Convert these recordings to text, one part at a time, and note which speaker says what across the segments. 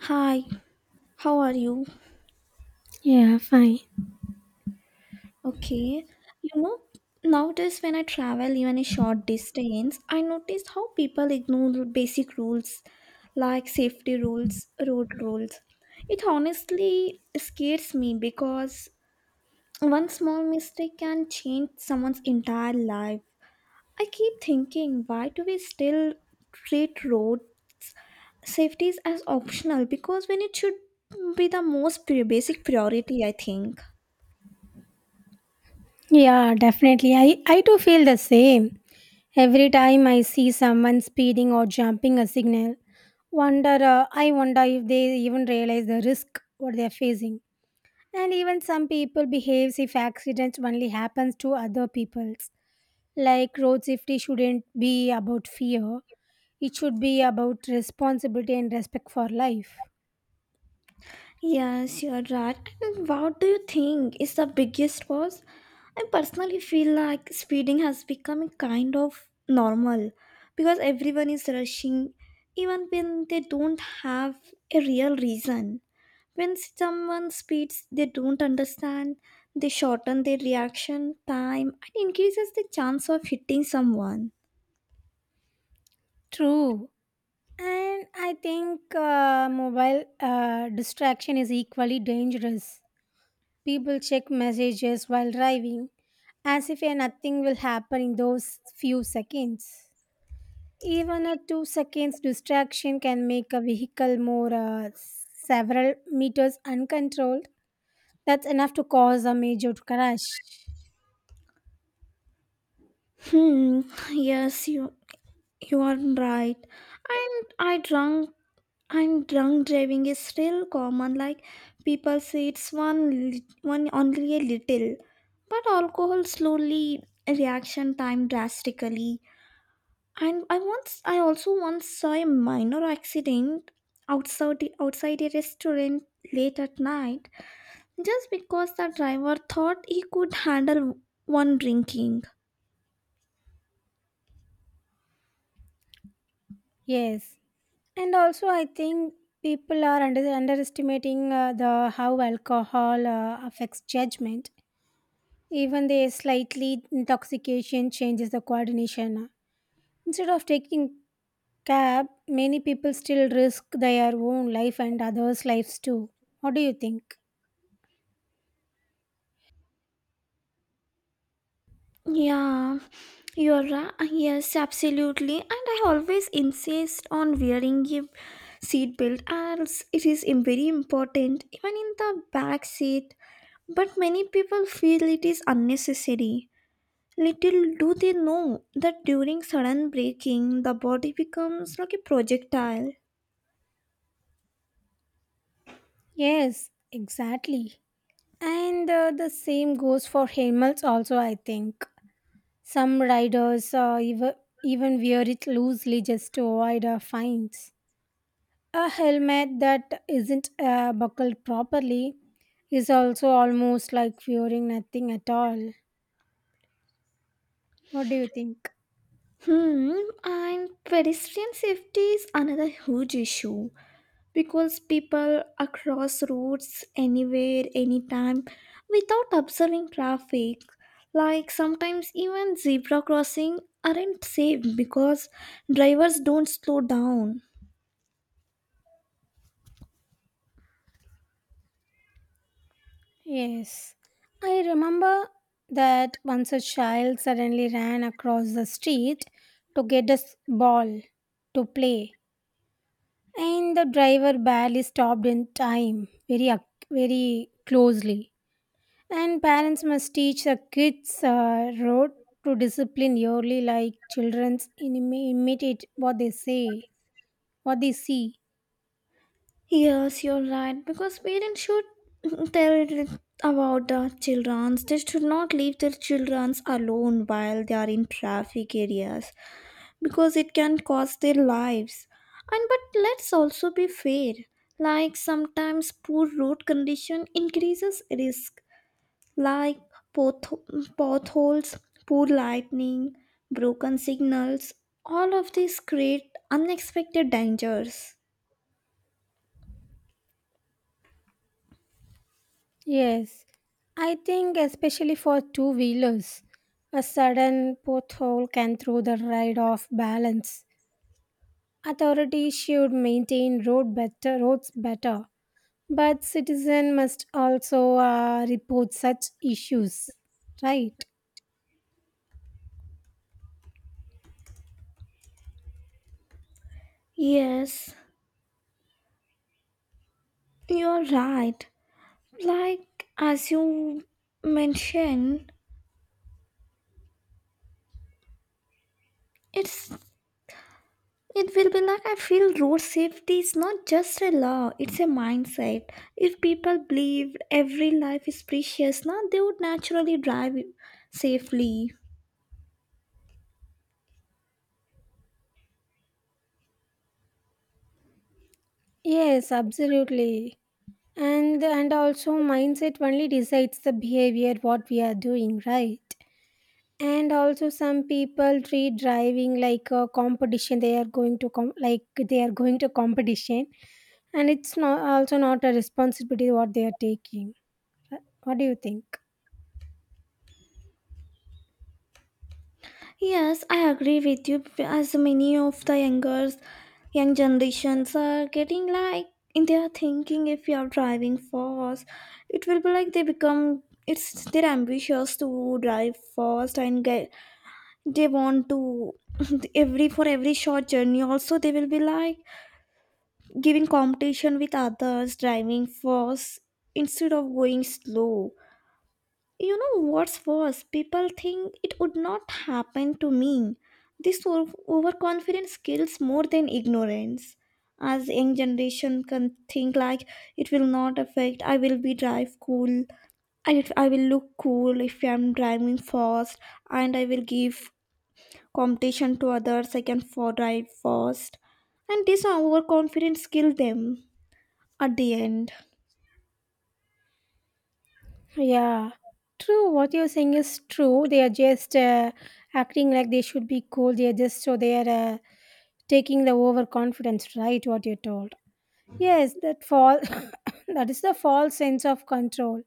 Speaker 1: Hi, how are you?
Speaker 2: Yeah, fine.
Speaker 1: Okay. You know, Nowadays when I travel even a short distance, I notice how people ignore basic rules like safety rules, road rules. It honestly scares me because one small mistake can change someone's entire life. I keep thinking, why do we still treat roads safety as optional? Because when it should be the most basic priority, I think.
Speaker 2: Yeah, definitely. I too feel the same. Every time I see someone speeding or jumping a signal, wonder I wonder if they even realize the risk what they're facing. And even some people behaves if accidents only happens to other peoples. Like road safety shouldn't be about fear. It should be about responsibility and respect for life.
Speaker 1: Yes, you're right. And what do you think is the biggest cause? I personally feel like speeding has become a kind of normal because everyone is rushing even when they don't have a real reason. When someone speeds, they don't understand, they shorten their reaction time and increases the chance of hitting someone.
Speaker 2: True. And I think mobile distraction is equally dangerous. People check messages while driving, as if nothing will happen in those few seconds. Even a 2 seconds distraction can make a vehicle more several meters uncontrolled. That's enough to cause a major crash.
Speaker 1: Hmm, yes, You are right. And I drunk and drunk driving is still common. Like people say it's one only a little. But alcohol slowly reaction time drastically. And I also once saw a minor accident outside a restaurant late at night just because the driver thought he could handle one drinking.
Speaker 2: Yes, and also I think underestimating the how alcohol affects judgment. Even the slightly intoxication changes the coordination. Instead of taking cab, many people still risk their own life and others' lives too. What do you think?
Speaker 1: Yeah, you're right. Ah, yes, absolutely. And I always insist on wearing a seatbelt as it is very important, even in the back seat. But many people feel it is unnecessary. Little do they know that during sudden braking, the body becomes like a projectile.
Speaker 2: Yes, exactly. And the same goes for helmets also, I think. Some riders even wear it loosely just to avoid fines. A helmet that isn't buckled properly is also almost like wearing nothing at all. What do you think?
Speaker 1: Hmm, and pedestrian safety is another huge issue, because people across roads anywhere anytime without observing traffic, like sometimes even zebra crossing aren't safe because drivers don't slow down.
Speaker 2: Yes, I remember that once a child suddenly ran across the street to get a ball to play, and the driver barely stopped in time, very closely. And parents must teach the kids road to discipline yearly, like childrens imitate what they say, what they see.
Speaker 1: Yes, you're right, because parents should tell about the children they should not leave their children alone while they are in traffic areas because it can cost their lives. And but let's also be fair. Like sometimes poor road condition increases risk, like potholes, poor lightning, broken signals. All of these create unexpected dangers.
Speaker 2: Yes, I think especially for two wheelers, a sudden pothole can throw the ride off balance. Authorities should maintain road better roads better, but citizen must also report such issues, right?
Speaker 1: Yes, you're right. Like as you mentioned, it's it will be like I feel road safety is not just a law, it's a mindset. If people believed every life is precious, now they would naturally drive safely.
Speaker 2: Yes, absolutely. And also mindset only decides the behavior what we are doing, right? And also some people treat driving like a competition. They are going to com- Like they are going to competition, and it's not a responsibility what they are taking. What do you think?
Speaker 1: Yes, I agree with you as many of the young generations are getting like in their thinking if you are driving fast, it will be like they become it's they're ambitious to drive fast and get they want to every for every short journey also they will be like giving competition with others driving fast instead of going slow. You know what's worse, people think it would not happen to me. This overconfidence kills more than ignorance. As young generation can think like it will not affect, I will be drive cool. I will look cool if I'm driving fast, and I will give competition to others I can for drive fast, and this overconfidence kill them at the end.
Speaker 2: Yeah, true. What you're saying is true. They are just acting like they should be cool. They are just so they are taking the overconfidence, right? What you're told. Yes, that fall that is the false sense of control.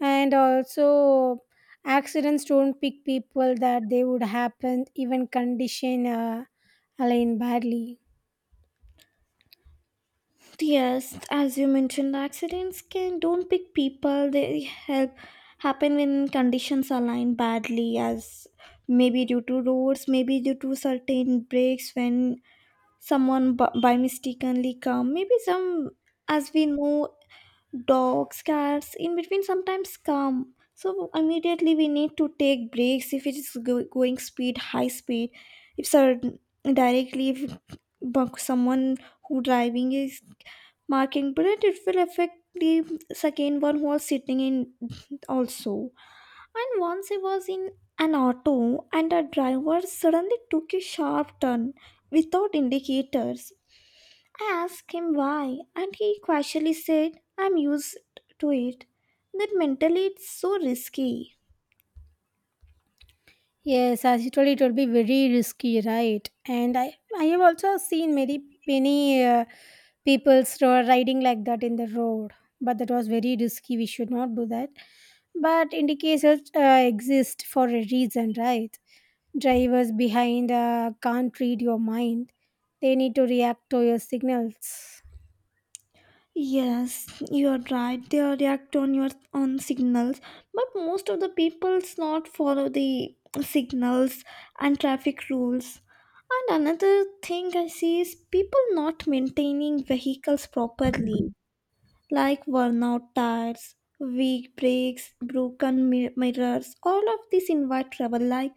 Speaker 2: And also accidents don't pick people, that they would happen even condition align badly.
Speaker 1: Yes as you mentioned accidents can don't pick people they help happen when conditions align badly as maybe due to roads maybe due to certain breaks when someone by mistakenly come maybe some as we know dogs cats in between sometimes come so immediately we need to take breaks if it is going speed high speed if sir directly if someone who driving is marking but it will affect the second one who was sitting in also. And once I was in an auto and a driver suddenly took a sharp turn without indicators. I asked him why, and he casually said, "I'm used to it." That mentally it's so risky.
Speaker 2: Yes, as you told, it will be very risky, right? And I have also seen many people riding like that in the road, but that was very risky. We should not do that. But indicators uh, exist for a reason, right? Drivers behind can't read your mind. They need to react to your signals.
Speaker 1: Yes, you're right. They react on your on signals, but most of the people's not follow the signals and traffic rules. And another thing I see is people not maintaining vehicles properly, like worn out tires, weak brakes, broken mirrors. All of this invite trouble.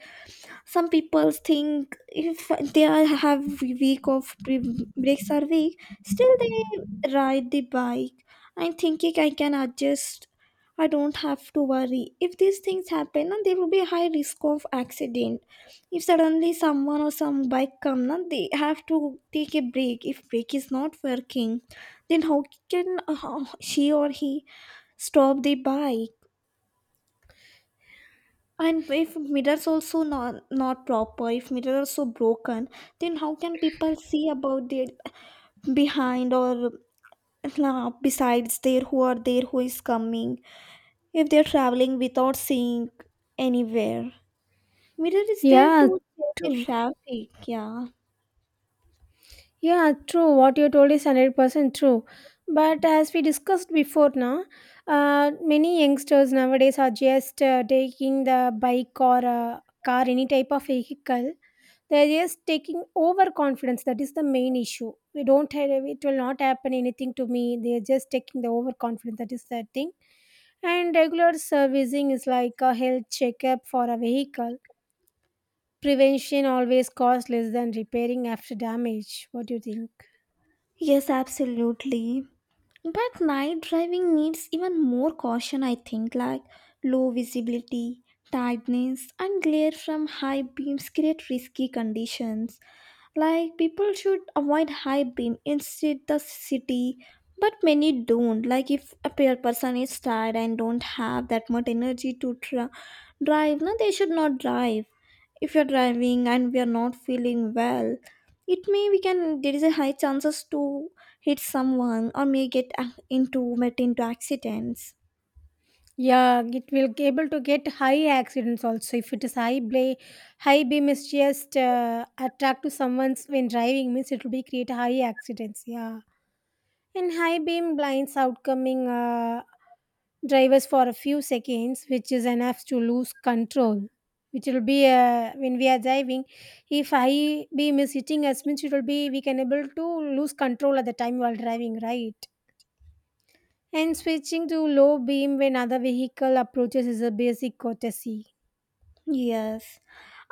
Speaker 1: Some people think if they are have week of breaks are weak still they ride the bike. I'm thinking I can adjust, I don't have to worry. If these things happen then there will be a high risk of accident. If suddenly someone or some bike come na, they have to take a break. If break is not working then how can she or he stop the bike? And if mirrors also not proper, if mirrors are so broken, then how can people see about the behind or besides there who are there who is coming if they're traveling without seeing anywhere? Mirror is there
Speaker 2: Yeah,
Speaker 1: to check the
Speaker 2: true.
Speaker 1: traffic. Yeah.
Speaker 2: What you told is 100% true. But as we discussed before, now, many youngsters nowadays are just taking the bike or car, any type of vehicle. They're just taking overconfidence. That is the main issue. We don't have, it will not happen anything to me. They're just taking the overconfidence. That is the thing. And regular servicing is like a health checkup for a vehicle. Prevention always costs less than repairing after damage. What do you think?
Speaker 1: Yes, absolutely. But night driving needs even more caution, I think, like low visibility, tiredness, and glare from high beams create risky conditions. Like people should avoid high beam instead the city, but many don't. Like if a pair person is tired and don't have that much energy to drive, no, they should not drive. If you're driving and we are not feeling well, it may we can there is a high chances to hit someone or may get into met into accidents.
Speaker 2: Yeah, it will be able to get high accidents also. If it is high bla- High beam is just attract to someone's when driving means it will be create high accidents. Yeah. And high beam blinds outcoming drivers for a few seconds, which is enough to lose control. Which will be when we are driving, if high beam is hitting us, means it will be we can able to lose control at the time while driving, right? And switching to low beam when other vehicle approaches is a basic courtesy.
Speaker 1: Yes,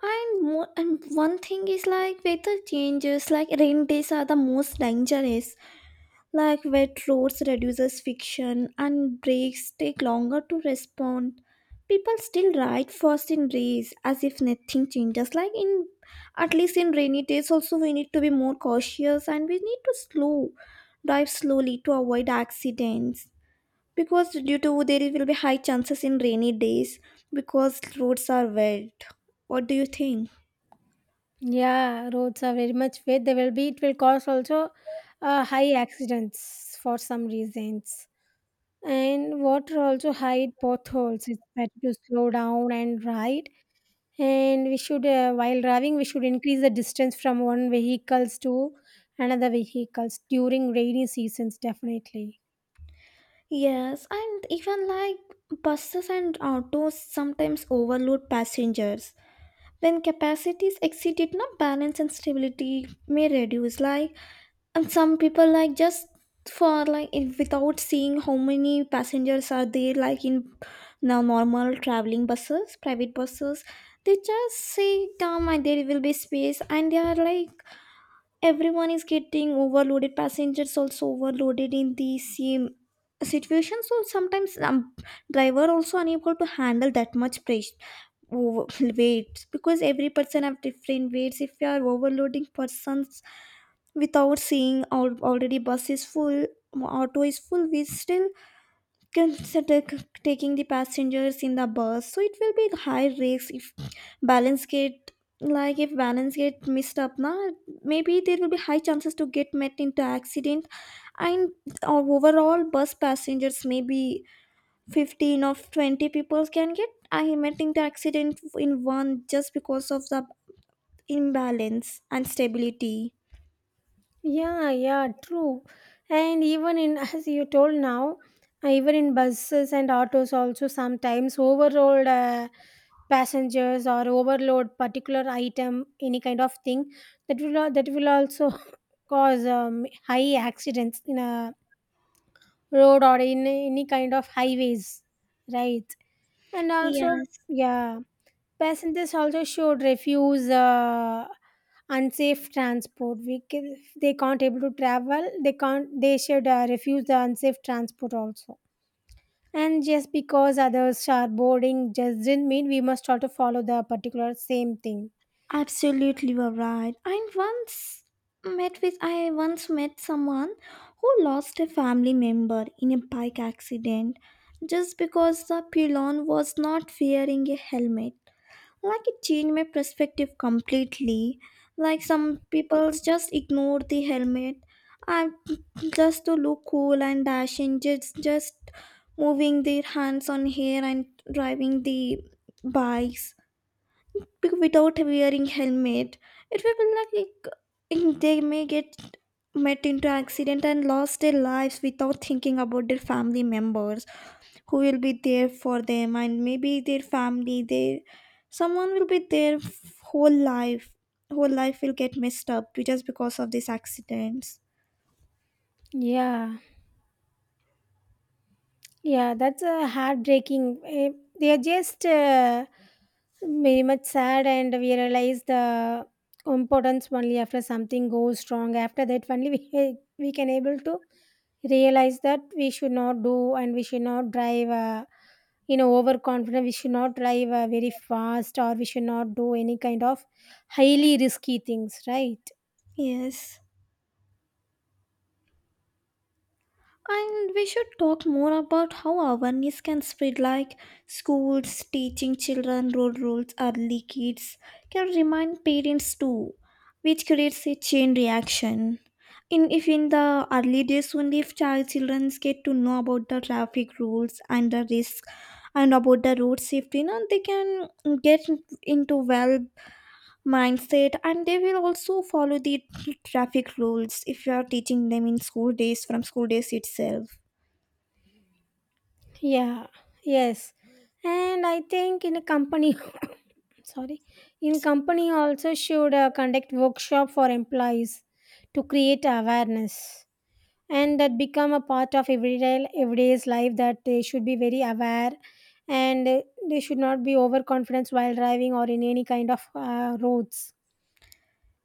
Speaker 1: and more and one thing is like weather changes like rain days are the most dangerous. Like wet roads reduces friction and brakes take longer to respond. People still ride fast in rains as if nothing changes. Like in at least in rainy days also we need to be more cautious and we need to slow drive slowly to avoid accidents because due to there will be high chances in rainy days because roads are wet. What do you think?
Speaker 2: Yeah, roads are very much wet. They will be. It will cause also high accidents for some reasons. And water also hide potholes. It's better to slow down and ride. And we should, while driving, we should increase the distance from one vehicles to another vehicles during rainy seasons, definitely.
Speaker 1: Yes, and even like buses and autos sometimes overload passengers. When capacities exceed it not balance and stability may reduce, like and some people like just for like if without seeing how many passengers are there like in now normal traveling buses private buses, they just say come and there will be space and they are like everyone is getting overloaded passengers also overloaded in the same situation. So sometimes driver also unable to handle that much pressure over weights because every person have different weights. If you are overloading persons without seeing all already bus is full, auto is full, we still consider taking the passengers in the bus so it will be high risk if balance get, like if balance get messed up na, maybe there will be high chances to get met into accident. And overall bus passengers may be 15 of 20 people can get imagining the accident in one just because of the imbalance and stability.
Speaker 2: Yeah. True. And even in as you told now, even in buses and autos also sometimes overload passengers or overload particular item, any kind of thing, that will also cause high accidents in a road or in any kind of highways, right? And also,
Speaker 1: Yes
Speaker 2: yeah, passengers also should refuse unsafe transport. We can, if they can't able to travel, they can't they should refuse the unsafe transport also. And just because others are boarding just doesn't mean we must also follow the particular same thing.
Speaker 1: absolutely you are right. I once met someone who lost a family member in a bike accident just because the pillion was not wearing a helmet. Like it changed my perspective completely. Like some people just ignore the helmet. I just to look cool and dashing, just moving their hands on hair and driving the bikes without wearing helmet. It will be like they may get met into accident and lost their lives without thinking about their family members who will be there for them, and maybe their family their someone will be there whole life will get messed up just because of these accidents.
Speaker 2: Yeah, yeah, that's heartbreaking. Eh, they are just very much sad, and we realize the importance only after something goes wrong. After that, only we can able to realize that we should not do and we should not drive. Overconfident. We should not drive very fast, or we should not do any kind of highly risky things, right?
Speaker 1: Yes. And we should talk more about how awareness can spread, like schools teaching children road rules early. Kids can remind parents too, which creates a chain reaction. In if in the early days only, if children get to know about the traffic rules and the risk and about the road safety, now they can get into well mindset and they will also follow the traffic rules if you are teaching them in school days from school days itself.
Speaker 2: Yeah. Yes. And I think in a company, sorry, in
Speaker 1: It's-
Speaker 2: company also should conduct workshop for employees to create awareness, and that become a part of everyday's life, that they should be very aware and they should not be overconfident while driving or in any kind of roads.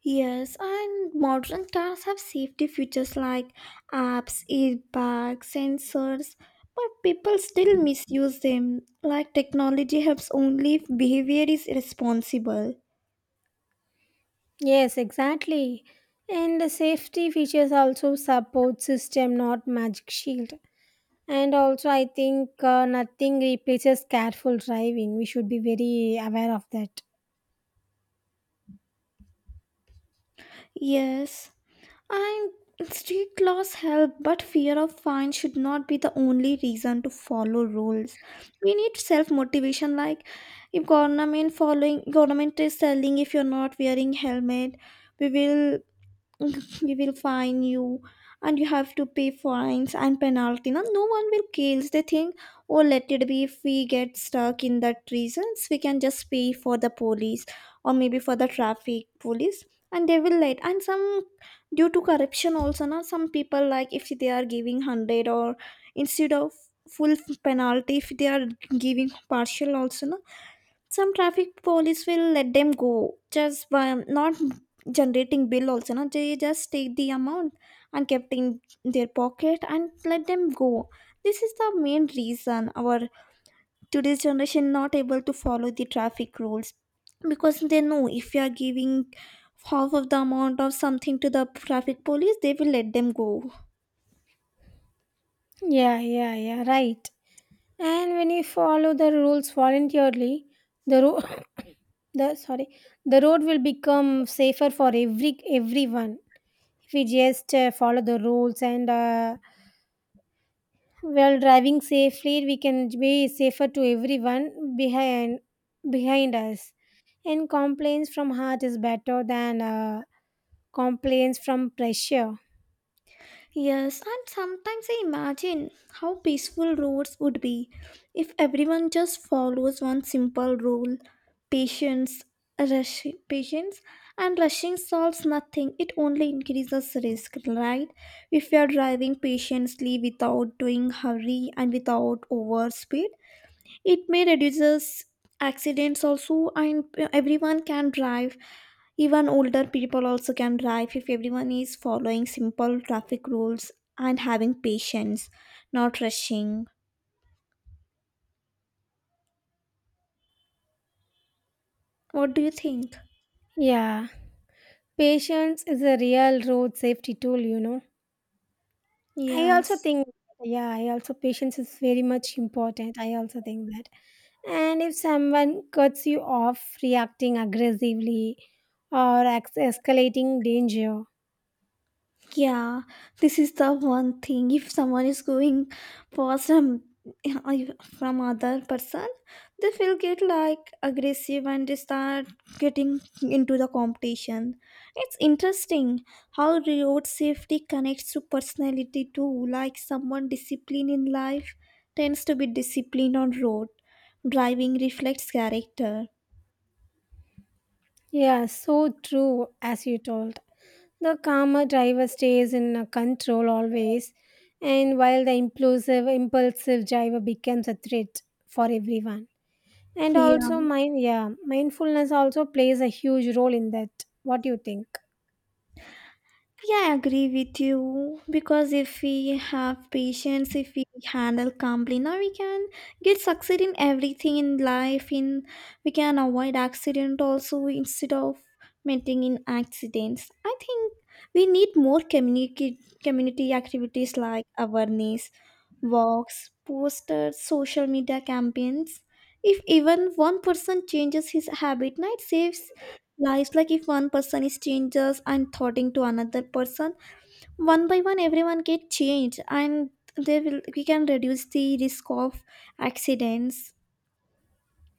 Speaker 1: Yes, and modern cars have safety features like apps, airbags, sensors, but people still misuse them. Like technology helps only if behavior is responsible.
Speaker 2: Yes, exactly. And the safety features also support system, not magic shield. And also I think nothing replaces careful driving. We should be very aware of that.
Speaker 1: Yes, and street laws help, but fear of fine should not be the only reason to follow rules. We need self motivation, like if government following government is telling if you're not wearing helmet, we will we will fine you and you have to pay fines and penalty no, no one will care. They think oh let it be. If we get stuck in that reasons we can just pay for the police or maybe for the traffic police and they will let. And some due to corruption also now some people like if they are giving 100 or instead of full penalty if they are giving partial also no, some traffic police will let them go just by not generating bill also no? They just take the amount and kept in their pocket and let them go. This is the main reason our today's generation not able to follow the traffic rules because they know if you are giving half of the amount of something to the traffic police they will let them go.
Speaker 2: Yeah, right. And when you follow the rules voluntarily, the road, the sorry, the road will become safer for everyone. If we just follow the rules and while driving safely, we can be safer to everyone behind us. And complaints from heart is better than complaints from pressure.
Speaker 1: Yes, and sometimes I imagine how peaceful roads would be if everyone just follows one simple rule. Patience, rush, patience, and rushing solves nothing. It only increases risk, right? If you are driving patiently without doing hurry and without overspeed, it may reduces accidents also and everyone can drive. Even older people also can drive if everyone is following simple traffic rules and having patience, not rushing. What do you think?
Speaker 2: Yeah, patience is a real road safety tool, you know. I
Speaker 1: Yes.
Speaker 2: also think, yeah, I also patience is very much important. I also think that. And if someone cuts you off, reacting aggressively or escalating danger,
Speaker 1: Yeah, this is the one thing. If someone is going for some from other person, they will get like aggressive and they start getting into the competition. It's interesting how road safety connects to personality too. Like someone disciplined in life tends to be disciplined on road. Driving reflects character.
Speaker 2: yeah, so true as you told. The calmer driver stays in control always, and while the impulsive driver becomes a threat for everyone. And also,
Speaker 1: Yeah.
Speaker 2: mindfulness also plays a huge role in that. What do you think?
Speaker 1: Yeah, I agree with you because if we have patience, if we handle calmly, now we can get succeed in everything in life. In we can avoid accident also instead of meeting in accidents. I think we need more community activities like awareness, walks, posters, social media campaigns. If even one person changes his habit, night saves lives. Like if one person is changes and thoughting to another person one by one everyone get changed and they will we can reduce the risk of accidents.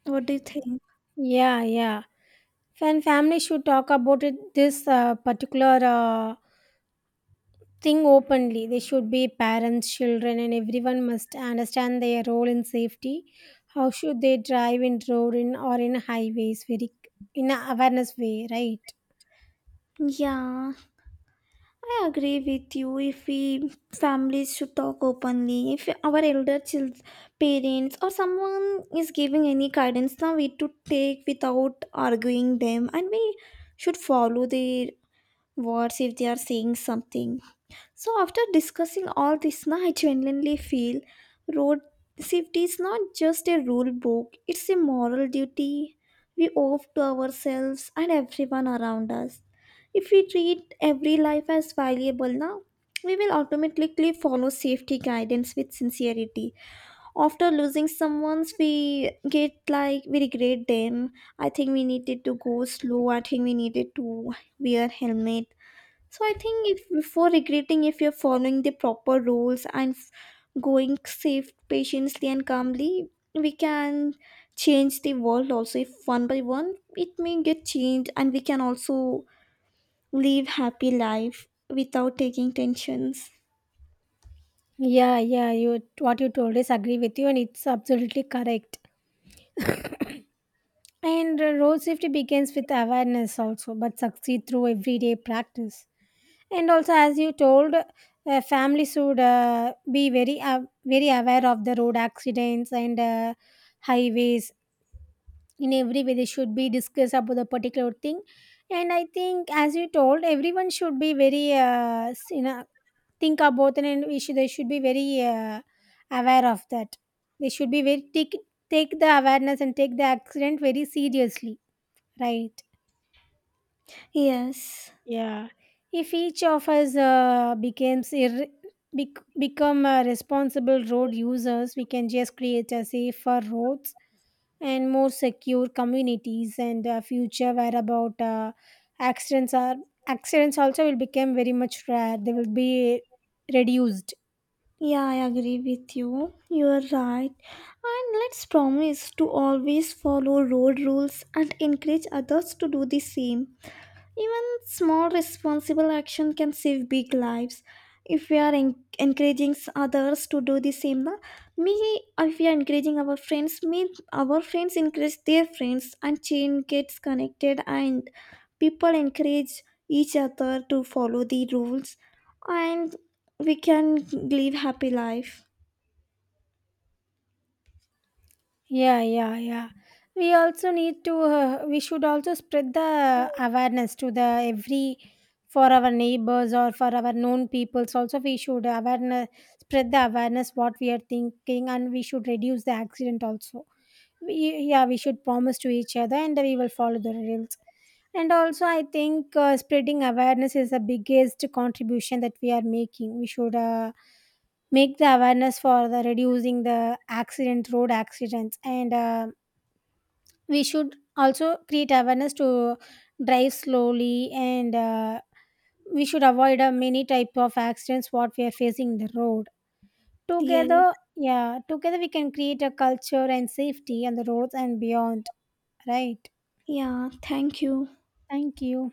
Speaker 1: What do you think?
Speaker 2: Yeah, yeah. When families should talk about it, this particular thing openly. They should be parents, children, and everyone must understand their role in safety. How should they drive in road in or in highways? Very in a awareness way, right?
Speaker 1: Yeah, I agree with you. If we families should talk openly if our elder children parents or someone is giving any guidance now we to take without arguing them and we should follow their words if they are saying something. So after discussing all this, now I genuinely feel road safety is not just a rule book, it's a moral duty we owe to ourselves and everyone around us. If we treat every life as valuable now, we will automatically follow safety guidance with sincerity. After losing someone's we get like we regret them. I think we needed to go slow. I think we needed to wear helmet. So I think if before regretting if you're following the proper rules and going safe patiently and calmly, we can change the world also if one by one it may get changed and we can also live happy life without taking tensions.
Speaker 2: Yeah, yeah. You what you told is agree with you, and it's absolutely correct. And road safety begins with awareness also, but succeed through everyday practice. And also as you told, families should be very aware of the road accidents and highways in every way. They should be discussed about the particular thing. And I think, as you told, everyone should be you know, think about it. And they should be very aware of that. They should be very take the awareness and take the accident very seriously, right?
Speaker 1: Yes.
Speaker 2: Yeah, if each of us become responsible road users, we can just create a safer roads and more secure communities and future where about accidents are accidents also will become very much rare. They will be reduced.
Speaker 1: Yeah, I agree with you. You're right. And let's promise to always follow road rules and encourage others to do the same. Even small responsible action can save big lives. If we are encouraging others to do the same, na, me if we are encouraging our friends, me our friends encourage their friends, and chain gets connected, and people encourage each other to follow the rules, and we can live happy life.
Speaker 2: Yeah, yeah, yeah. We also need to, we should also spread the awareness to the every, for our neighbors or for our known peoples. Also, spread the awareness what we are thinking, and we should reduce the accident also. We, yeah, we should promise to each other and we will follow the rules. And also, I think spreading awareness is the biggest contribution that we are making. We should make the awareness for the reducing the accident road accidents. And we should also create awareness to drive slowly. And we should avoid many type of accidents what we are facing in the road
Speaker 1: Yes,
Speaker 2: together. Yeah, together we can create a culture and safety on the roads and beyond, right?
Speaker 1: yeah. Thank you.
Speaker 2: Thank you.